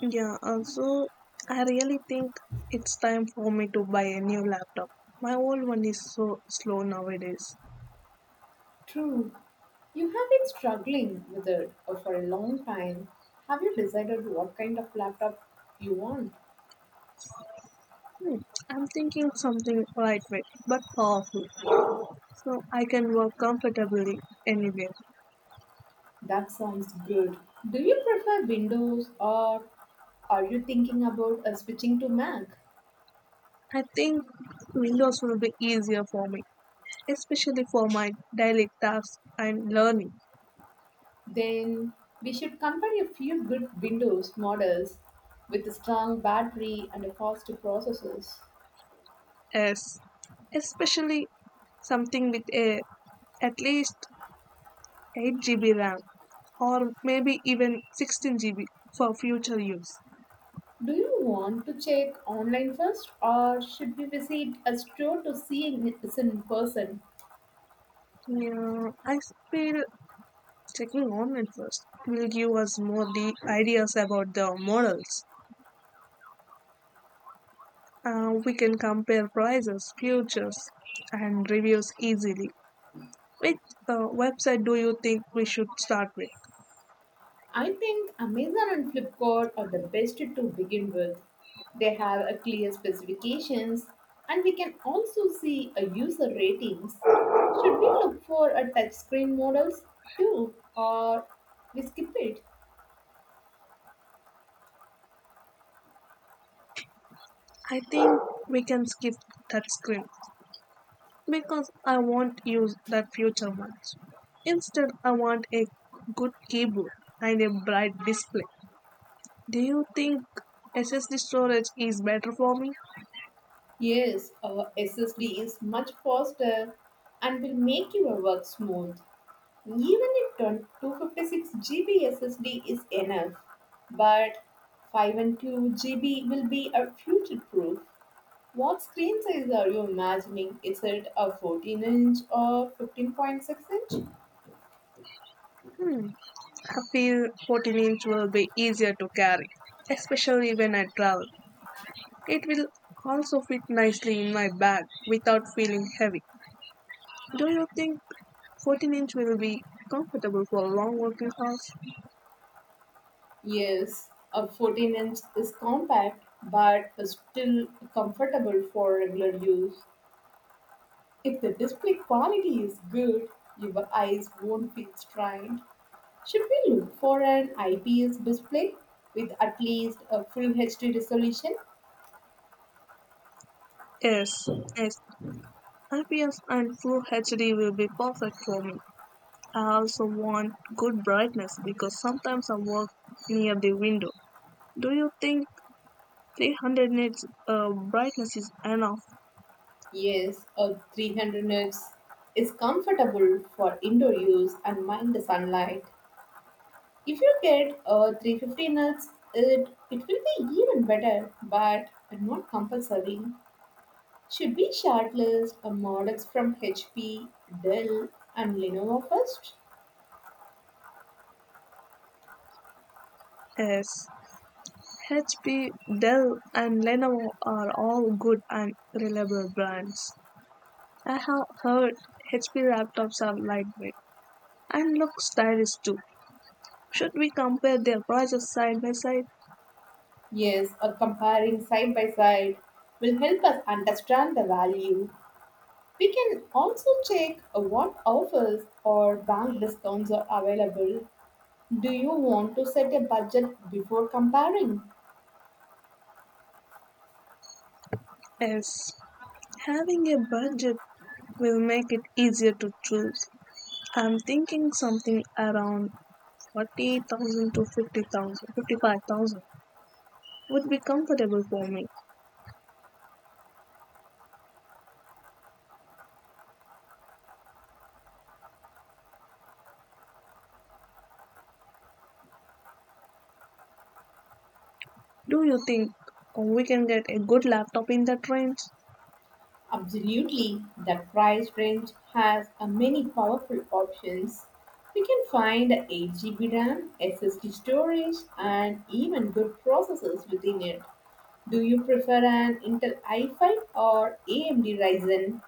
Yeah, also, I really think it's time for me to buy a new laptop. My old one is so slow nowadays. True. You have been struggling with it for a long time. Have you decided what kind of laptop you want? Hmm, I'm thinking something lightweight but powerful, so I can work comfortably anywhere. That sounds good. Do you prefer Windows or are you thinking about switching to Mac? I think Windows will be easier for me, especially for my daily tasks and learning. Then we should compare a few good Windows models with a strong battery and a fast processors. Yes, especially something with a at least 8 GB RAM, or maybe even 16 GB for future use. Do you want to check online first or should we visit a store to see it in person? Yeah, I feel checking online first will give us more ideas about the models. We can compare prices, features, and reviews easily. Which website do you think we should start with? I think Amazon and Flipkart are the best to begin with. They have a clear specifications and we can also see a user ratings. Should we look for a touchscreen models too or we skip it? I think we can skip that screen because I won't use that future ones. Instead, I want a good keyboard and a bright display. Do you think SSD storage is better for me? Yes, our SSD is much faster and will make your work smooth. Even if 256 GB SSD is enough, but 512 GB will be a future proof. What screen size are you imagining? Is it a 14 inch or 15.6 inch? Hmm. I feel 14-inch will be easier to carry, especially when I travel. It will also fit nicely in my bag without feeling heavy. Do you think 14-inch will be comfortable for long working hours? Yes, a 14 inch is compact but is still comfortable for regular use. If the display quality is good, your eyes won't feel strained. Should we look for an IPS display with at least a full HD resolution? Yes, yes. IPS and Full HD will be perfect for me. I also want good brightness because sometimes I work near the window. Do you think 300 nits brightness is enough. Yes, a 300 nits is comfortable for indoor use and mind the sunlight. If you get 350 nuts, it will be even better, but not compulsory. Should we shortlist models from HP, Dell, and Lenovo first? Yes. HP, Dell, and Lenovo are all good and reliable brands. I have heard HP laptops are lightweight and look stylish too. Should we compare their prices side by side? Yes, comparing side by side will help us understand the value. We can also check what offers or bank discounts are available. Do you want to set a budget before comparing? Yes. Having a budget will make it easier to choose. I'm thinking something around 40,000 to 50,000, 55,000 would be comfortable for me. Do you think we can get a good laptop in the trains? Absolutely. The price range has a many powerful options. You can find 8 GB RAM, SSD storage, and even good processors within it. Do you prefer an Intel i5 or AMD Ryzen?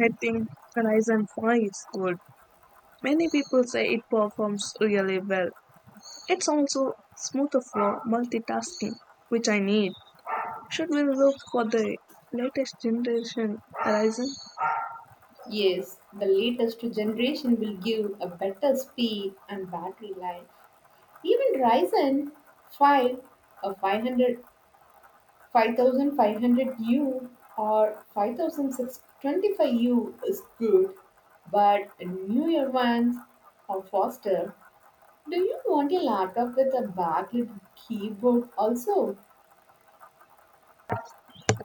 I think Horizon 5 is good. Many people say it performs really well. It's also smoother for multitasking, which I need. Should we look for the latest generation Horizon. Yes, the latest generation will give a better speed and battery life. Even Ryzen 5, a 500 5500U or 5625U is good, but newer ones are faster. Do you want a laptop with a backlit keyboard also?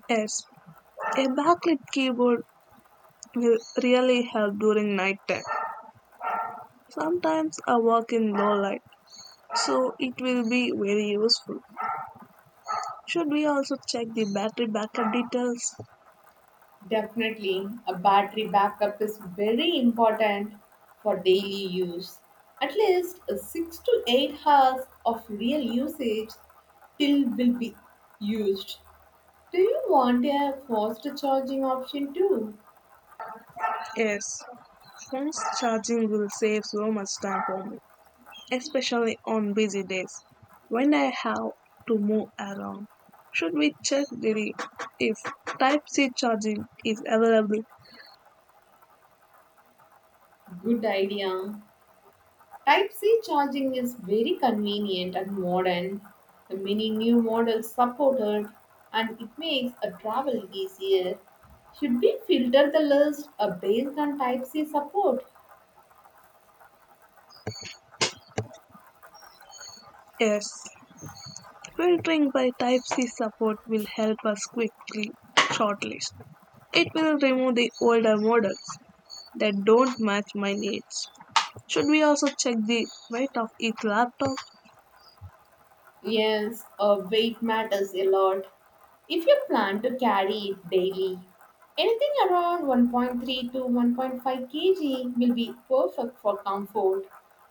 Yes, a backlit keyboard will really help during night time. Sometimes I work in low light, so it will be very useful. Should we also check the battery backup details? Definitely, a battery backup is very important for daily use. At least 6 to 8 hours of real usage till will be used. Do you want a faster charging option too? Yes, phone's charging will save so much time for me, especially on busy days when I have to move around. Should we check the if Type C charging is available? Good idea. Type C charging is very convenient and modern. The many new models support it and it makes a travel easier. Should we filter the list based on Type C support? Yes, filtering by Type C support will help us quickly shortlist. It will remove the older models that don't match my needs. Should we also check the weight of each laptop? Yes, weight matters a lot. If you plan to carry it daily, anything around 1.3 to 1.5 kg will be perfect for comfort.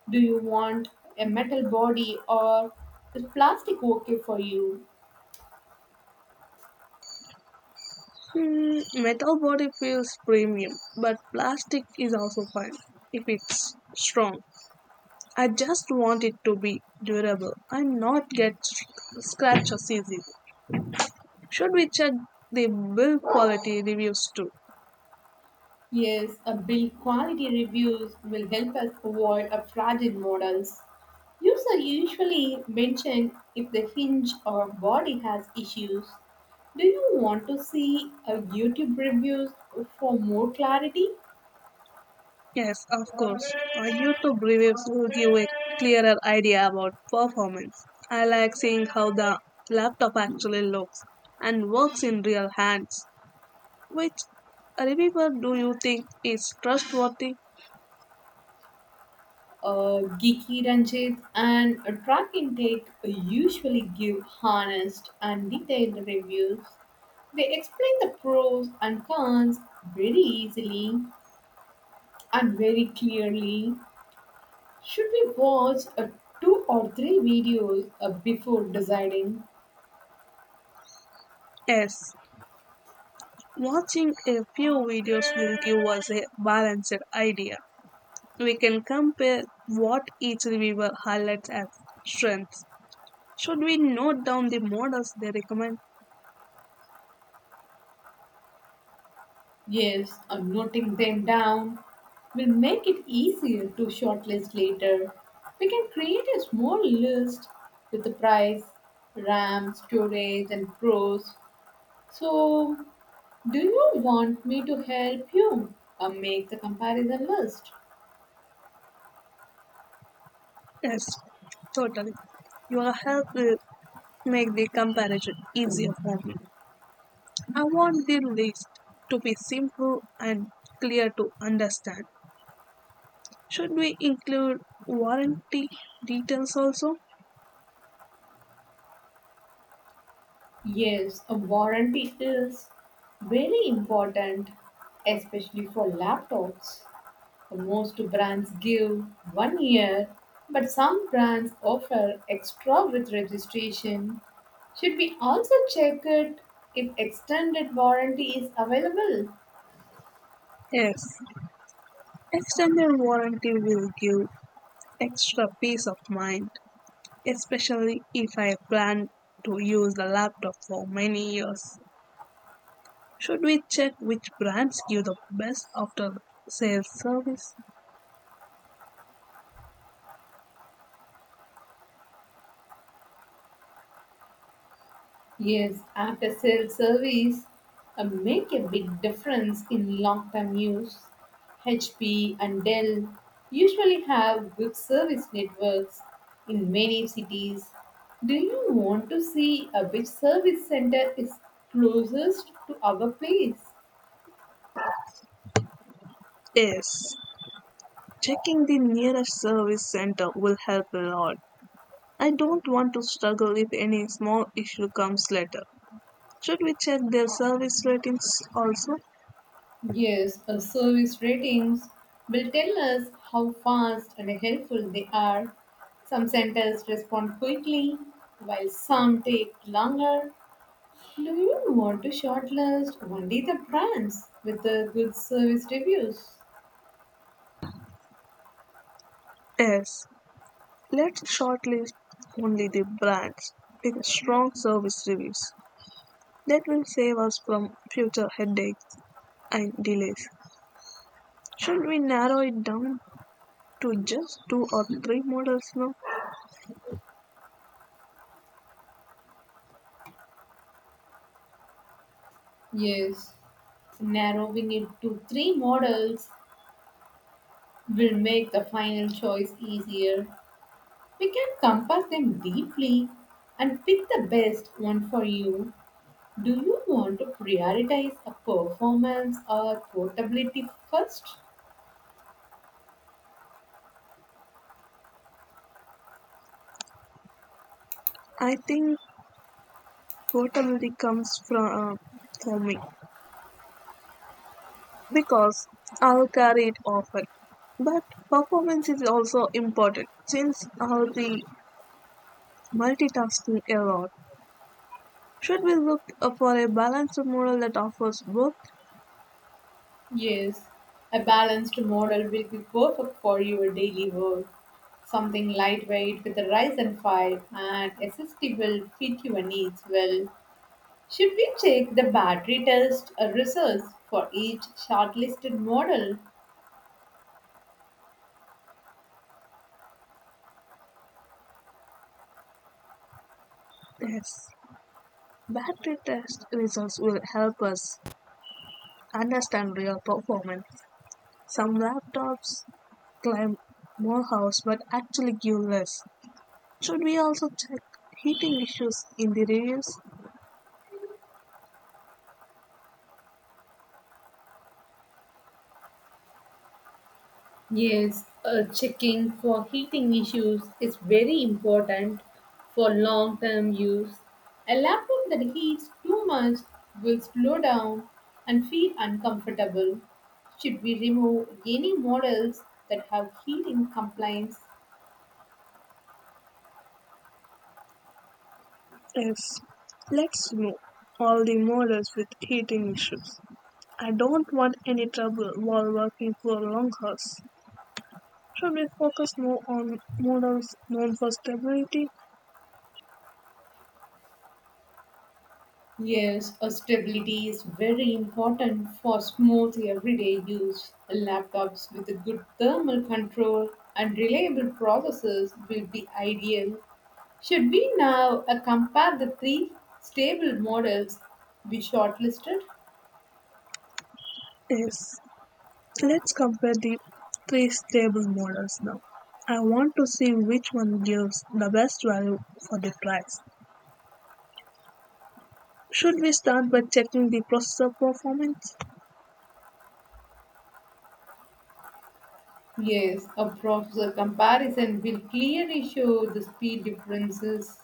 Do you want a metal body or is plastic okay for you? Mm, metal body feels premium, but plastic is also fine if it's strong. I just want it to be durable and not get scratches easily. Should we check the build quality reviews too? Yes, a build quality reviews will help us avoid a fragile models. Users are usually mention if the hinge or body has issues. Do you want to see a YouTube reviews for more clarity? Yes, of course. Our YouTube reviews will give a clearer idea about performance. I like seeing how the laptop actually looks and works in real hands. Which reviewer do you think is trustworthy? Geeky Ranjit and Track Intake usually give honest and detailed reviews. They explain the pros and cons very easily and very clearly. Should we watch a two or three videos before deciding? Yes, watching a few videos will give us a balanced idea. We can compare what each reviewer highlights as strengths. Should we note down the models they recommend? Yes, I'm noting them down. Will make it easier to shortlist later. We can create a small list with the price, RAM, storage, and pros. So, do you want me to help you make the comparison list? Yes, totally. Your help will make the comparison easier for me. I want the list to be simple and clear to understand. Should we include warranty details also? Yes, a warranty is very important, especially for laptops. Most brands give 1 year, but some brands offer extra with registration. Should we also check it if extended warranty is available? Yes, extended warranty will give extra peace of mind, especially if I plan to use the laptop for many years. Should we check which brands give the best after sales service? Yes, after sales service make a big difference in long term use. HP and Dell usually have good service networks in many cities. Do you want to see which service center is closest to our place? Yes, checking the nearest service center will help a lot. I don't want to struggle if any small issue comes later. Should we check their service ratings also? Yes, our service ratings will tell us how fast and helpful they are. Some centers respond quickly, while some take longer. Do you want to shortlist only the brands with the good service reviews? Yes, let's shortlist only the brands with strong service reviews. That will save us from future headaches and delays. Should we narrow it down to just two or three models now? Yes, narrowing it to three models will make the final choice easier. We can compare them deeply and pick the best one for you. Do you want to prioritize a performance or portability first? I think portability comes from for me because I'll carry it often. But performance is also important since I'll be multitasking a lot. Should we look for a balanced model that offers both Yes, a balanced model will be perfect for your daily work. Something lightweight with a rise and file and SSD will fit your needs well. Should we check the battery test results for each shortlisted model? tests? Battery test results will help us understand real performance. Some laptops claim more hours but actually give less. Should we also check heating issues in the reviews? Yes, checking for heating issues is very important for long term use. A laptop that heats too much will slow down and feel uncomfortable. Should we remove any models that have heating complaints? Yes, let's know all the models with heating issues. I don't want any trouble while working for long hours. Should we focus more on models known for stability? Yes, a stability is very important for smooth everyday use. Laptops with a good thermal control and reliable processors will be ideal. Should we now compare the three stable models we shortlisted? Yes, let's compare the three stable models now. I want to see which one gives the best value for the price. Should we start by checking the processor performance? Yes, a processor comparison will clearly show the speed differences.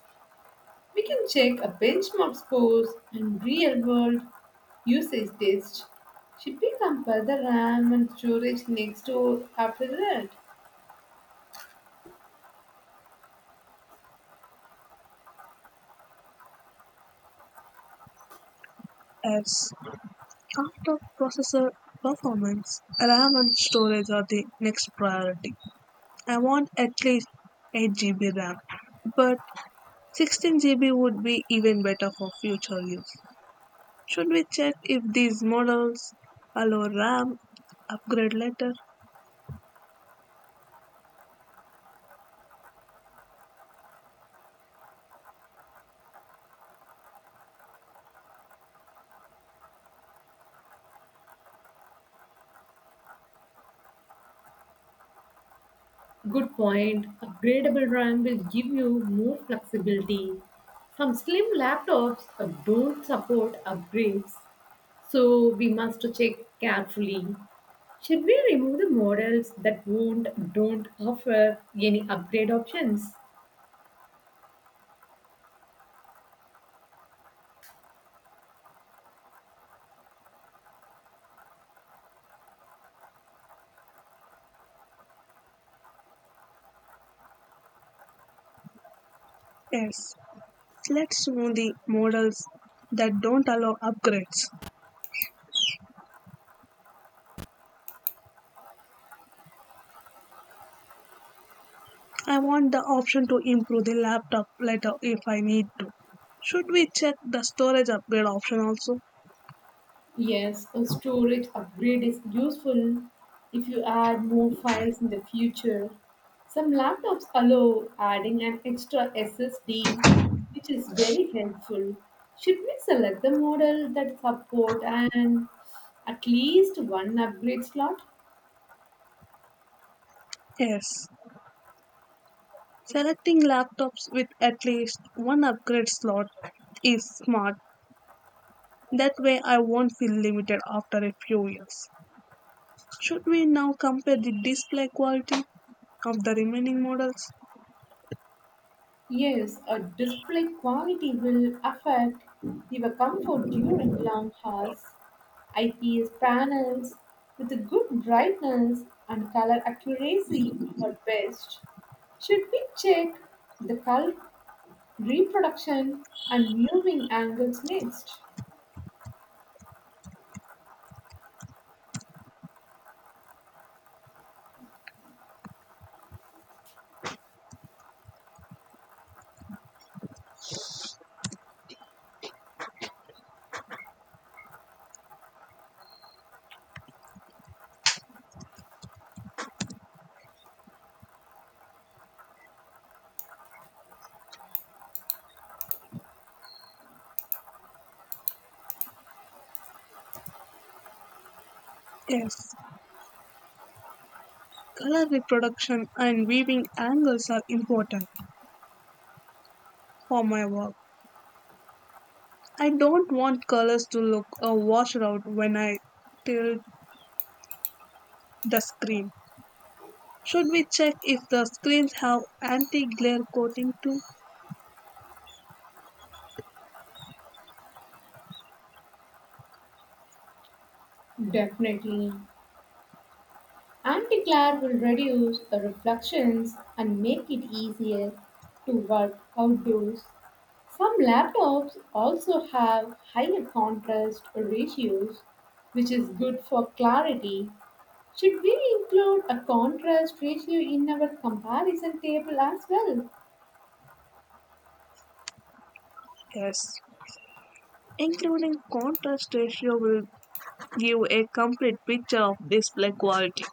We can check a benchmark scores and real world usage test. Should we compare the RAM and storage next door after that? As after processor performance, RAM and storage are the next priority. I want at least 8 GB RAM, but 16 GB would be even better for future use. Should we check if these models allow RAM upgrade later? Good point. Upgradable RAM will give you more flexibility. Some slim laptops don't support upgrades, so we must check carefully. Should we remove the models that won't don't offer any upgrade options? Yes. Let's know the models that don't allow upgrades. I want the option to improve the laptop later if I need to. Should we check the storage upgrade option also? Yes, a storage upgrade is useful if you add more files in the future. Some laptops allow adding an extra SSD, which is very helpful. Should we select the model that support and at least one upgrade slot? Yes. Selecting laptops with at least one upgrade slot is smart. That way, I won't feel limited after a few years. Should we now compare the display quality of the remaining models? Yes, a display quality will affect your comfort during long hours. IPS panels with a good brightness and color accuracy are best. Should we check the color reproduction and viewing angles next? Yes. Color reproduction and viewing angles are important for my work. I don't want colors to look washed out when I tilt the screen. Should we check if the screens have anti-glare coating too? Definitely. Anti-glare will reduce the reflections and make it easier to work outdoors. Some laptops also have higher contrast ratios, which is good for clarity. Should we include a contrast ratio in our comparison table as well? Yes. Including contrast ratio will give a complete picture of display quality.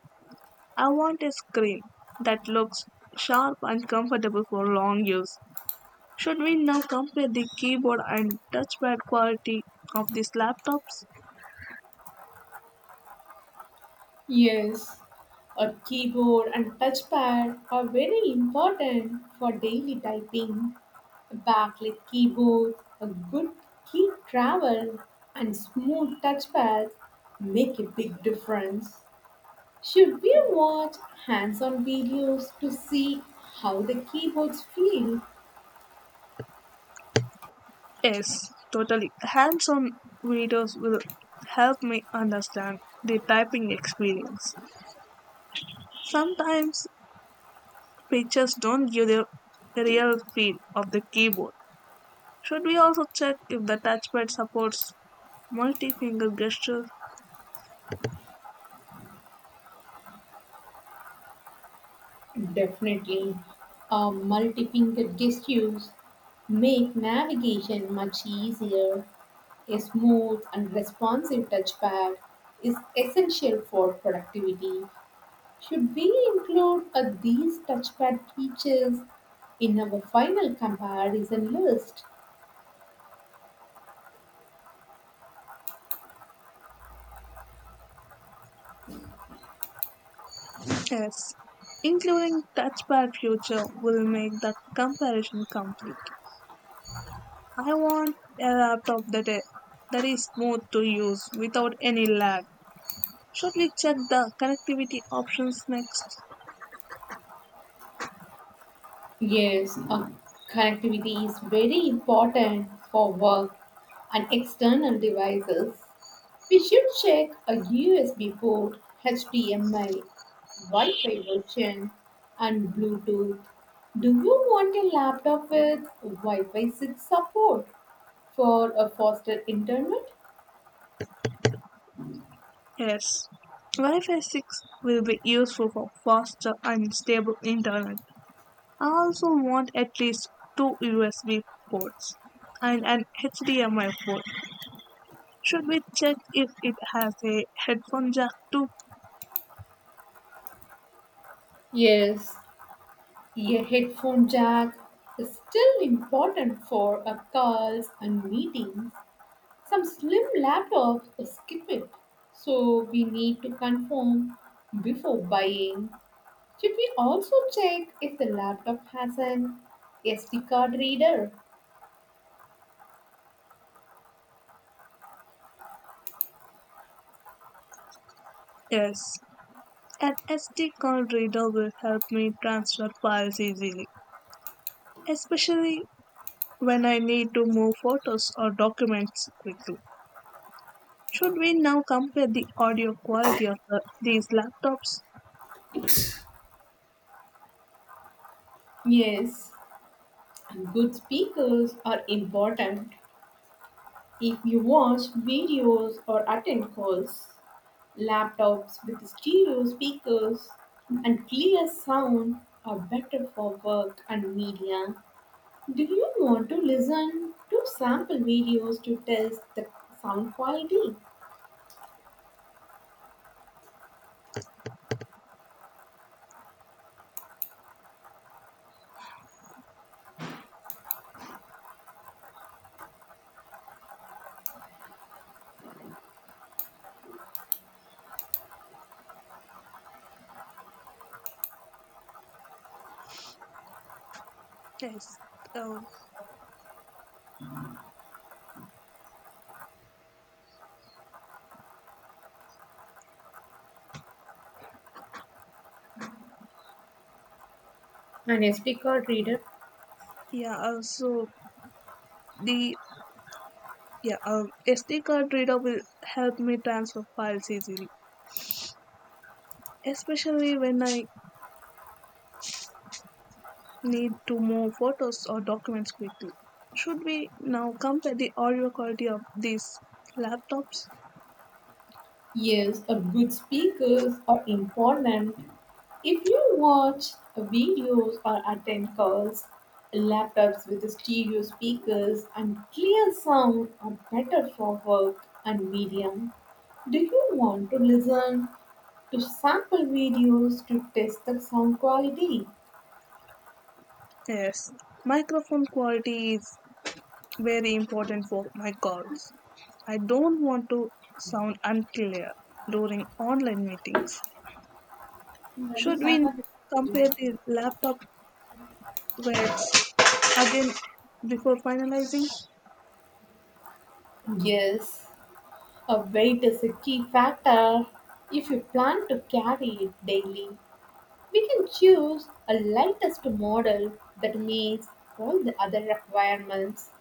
I want a screen that looks sharp and comfortable for long use. Should we now compare the keyboard and touchpad quality of these laptops? Yes, a keyboard and touchpad are very important for daily typing. A backlit keyboard, a good key travel, and smooth touchpad make a big difference. Should we watch hands on videos to see how the keyboards feel? Yes, totally. Hands on videos will help me understand the typing experience. Sometimes pictures don't give the real feel of the keyboard. Should we also check if the touchpad supports multi finger gestures? Definitely. Multi fingered gestures make navigation much easier. A smooth and responsive touchpad is essential for productivity. Should we include these touchpad features in our final comparison list? Yes. Including touchpad feature will make the comparison complete. I want a laptop that is smooth to use without any lag. Should we check the connectivity options next? Yes, connectivity is very important for work and external devices. We should check a USB port, HDMI, Wi Fi version, and Bluetooth. Do you want a laptop with Wi Fi 6 support for a faster internet? Yes. Wi-Fi 6 will be useful for faster and stable internet. I also want at least two USB ports and an HDMI port. Should we check if it has a headphone jack too? Yes, a headphone jack is still important for calls and meetings. Some slim laptops skip it, so we need to confirm before buying. Should we also check if the laptop has an SD card reader? Yes. An SD card reader will help me transfer files easily, especially when I need to move photos or documents quickly. Should we now compare the audio quality of these laptops? Yes, good speakers are important. If you watch videos or attend calls, laptops with stereo speakers and clear sound are better for work and media. Do you want to listen to sample videos to test the sound quality? Yes. Um, An SD card reader. yeah. Also, the yeah SD card reader will help me transfer files easily, especially when I need to move photos or documents quickly. Should we now compare the audio quality of these laptops? Yes, a good speakers are important. If you watch videos or attend calls, laptops with stereo speakers and clear sound are better for work and medium. Do you want to listen to sample videos to test the sound quality? Yes. Microphone quality is very important for my calls. I don't want to sound unclear during online meetings. Should we compare the laptop weights again before finalizing? Yes, a weight is a key factor if you plan to carry it daily. We can choose a lightest model that meets all the other requirements.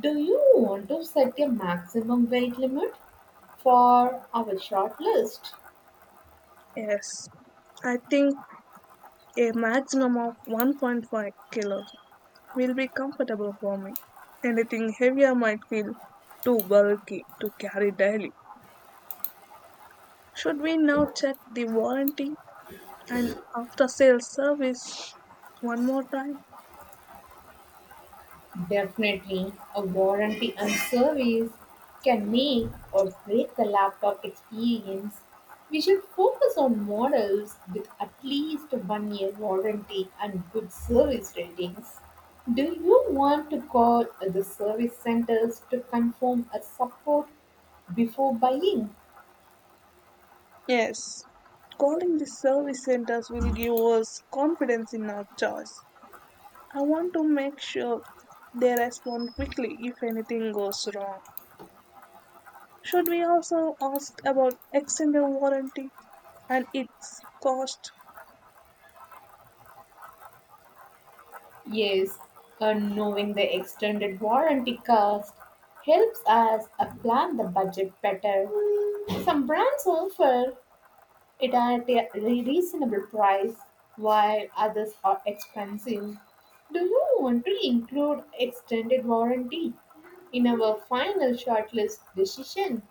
Do you want to set a maximum weight limit for our shortlist? Yes, I think a maximum of 1.5 kilos will be comfortable for me. Anything heavier might feel too bulky to carry daily. Should we now check the warranty and after sales service one more time. Definitely, a warranty on service can make or break the laptop experience. We should focus on models with at least 1 year warranty and good service ratings. Do you want to call the service centers to confirm a support before buying? Yes, calling the service centers will give us confidence in our choice. I want to make sure they respond quickly if anything goes wrong. Should we also ask about extended warranty and its cost? Yes, and knowing the extended warranty cost helps us plan the budget better. Some brands offer it at a reasonable price while others are expensive. Do you want to include extended warranty in our final shortlist decision?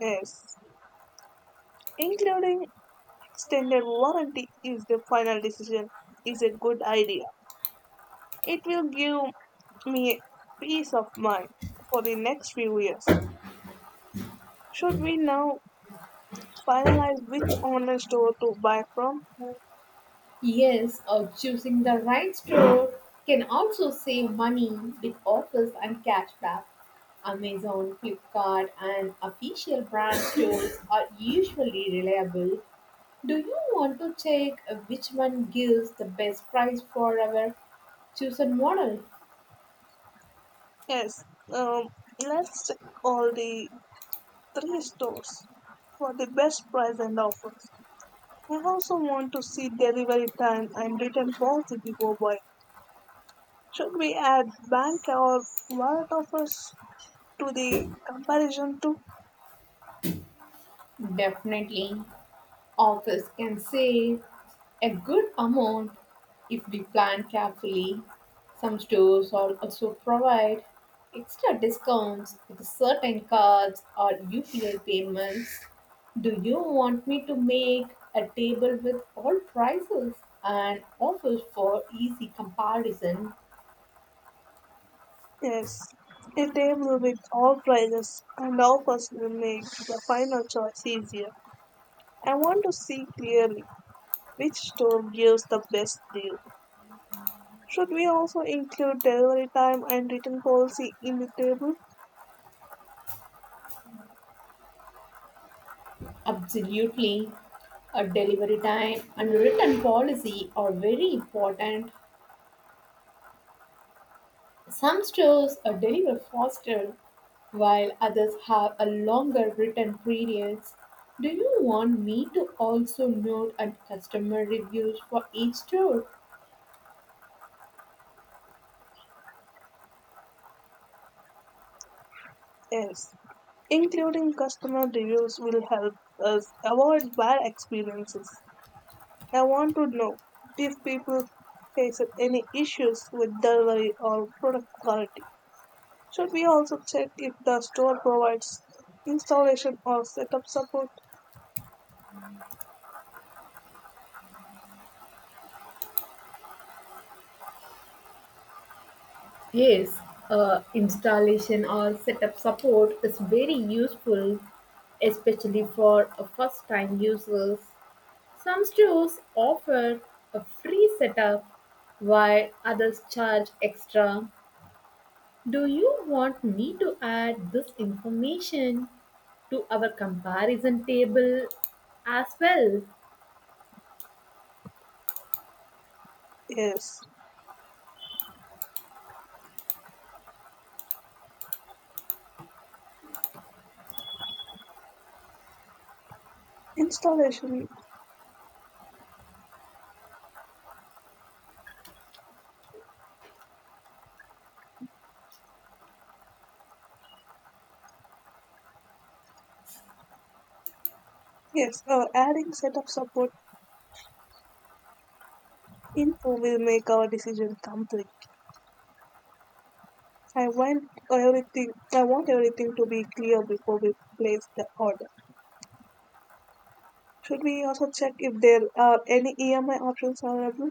Yes, including extended warranty is the final decision is a good idea. It will give me peace of mind for the next few years. Should we now finalize which online store to buy from? Yes, or choosing the right store can also save money with offers and cashback. Amazon, Flipkart, and official brand stores are usually reliable. Do you want to check which one gives the best price for our chosen model? Yes, um, let's check all the three stores for the best price and offers. We also want to see delivery time and return policy before buying. Should we add bank or wallet offers to the comparison too? Definitely, office can save a good amount if we plan carefully. Some stores also provide extra discounts with certain cards or UPI payments. Do you want me to make a table with all prices and offers for easy comparison? Yes, a table with all prices and offers will make the final choice easier. I want to see clearly which store gives the best deal. Should we also include delivery time and return policy in the table? Absolutely. A delivery time and return policy are very important. Some stores deliver faster while others have a longer written periods. Do you want me to also note and customer reviews for each store? Yes. Including customer reviews will help us avoid bad experiences. I want to know if people face any issues with delivery or product quality. Should we also check if the store provides installation or setup support? Yes, installation or setup support is very useful, especially for first time users. Some stores offer a free setup while others charge extra. Do you want me to add this information to our comparison table as well? Yes. Installation, yes, or adding setup support info will make our decision complete. I want everything. I want everything to be clear before we place the order. Should we also check if there are any EMI options available?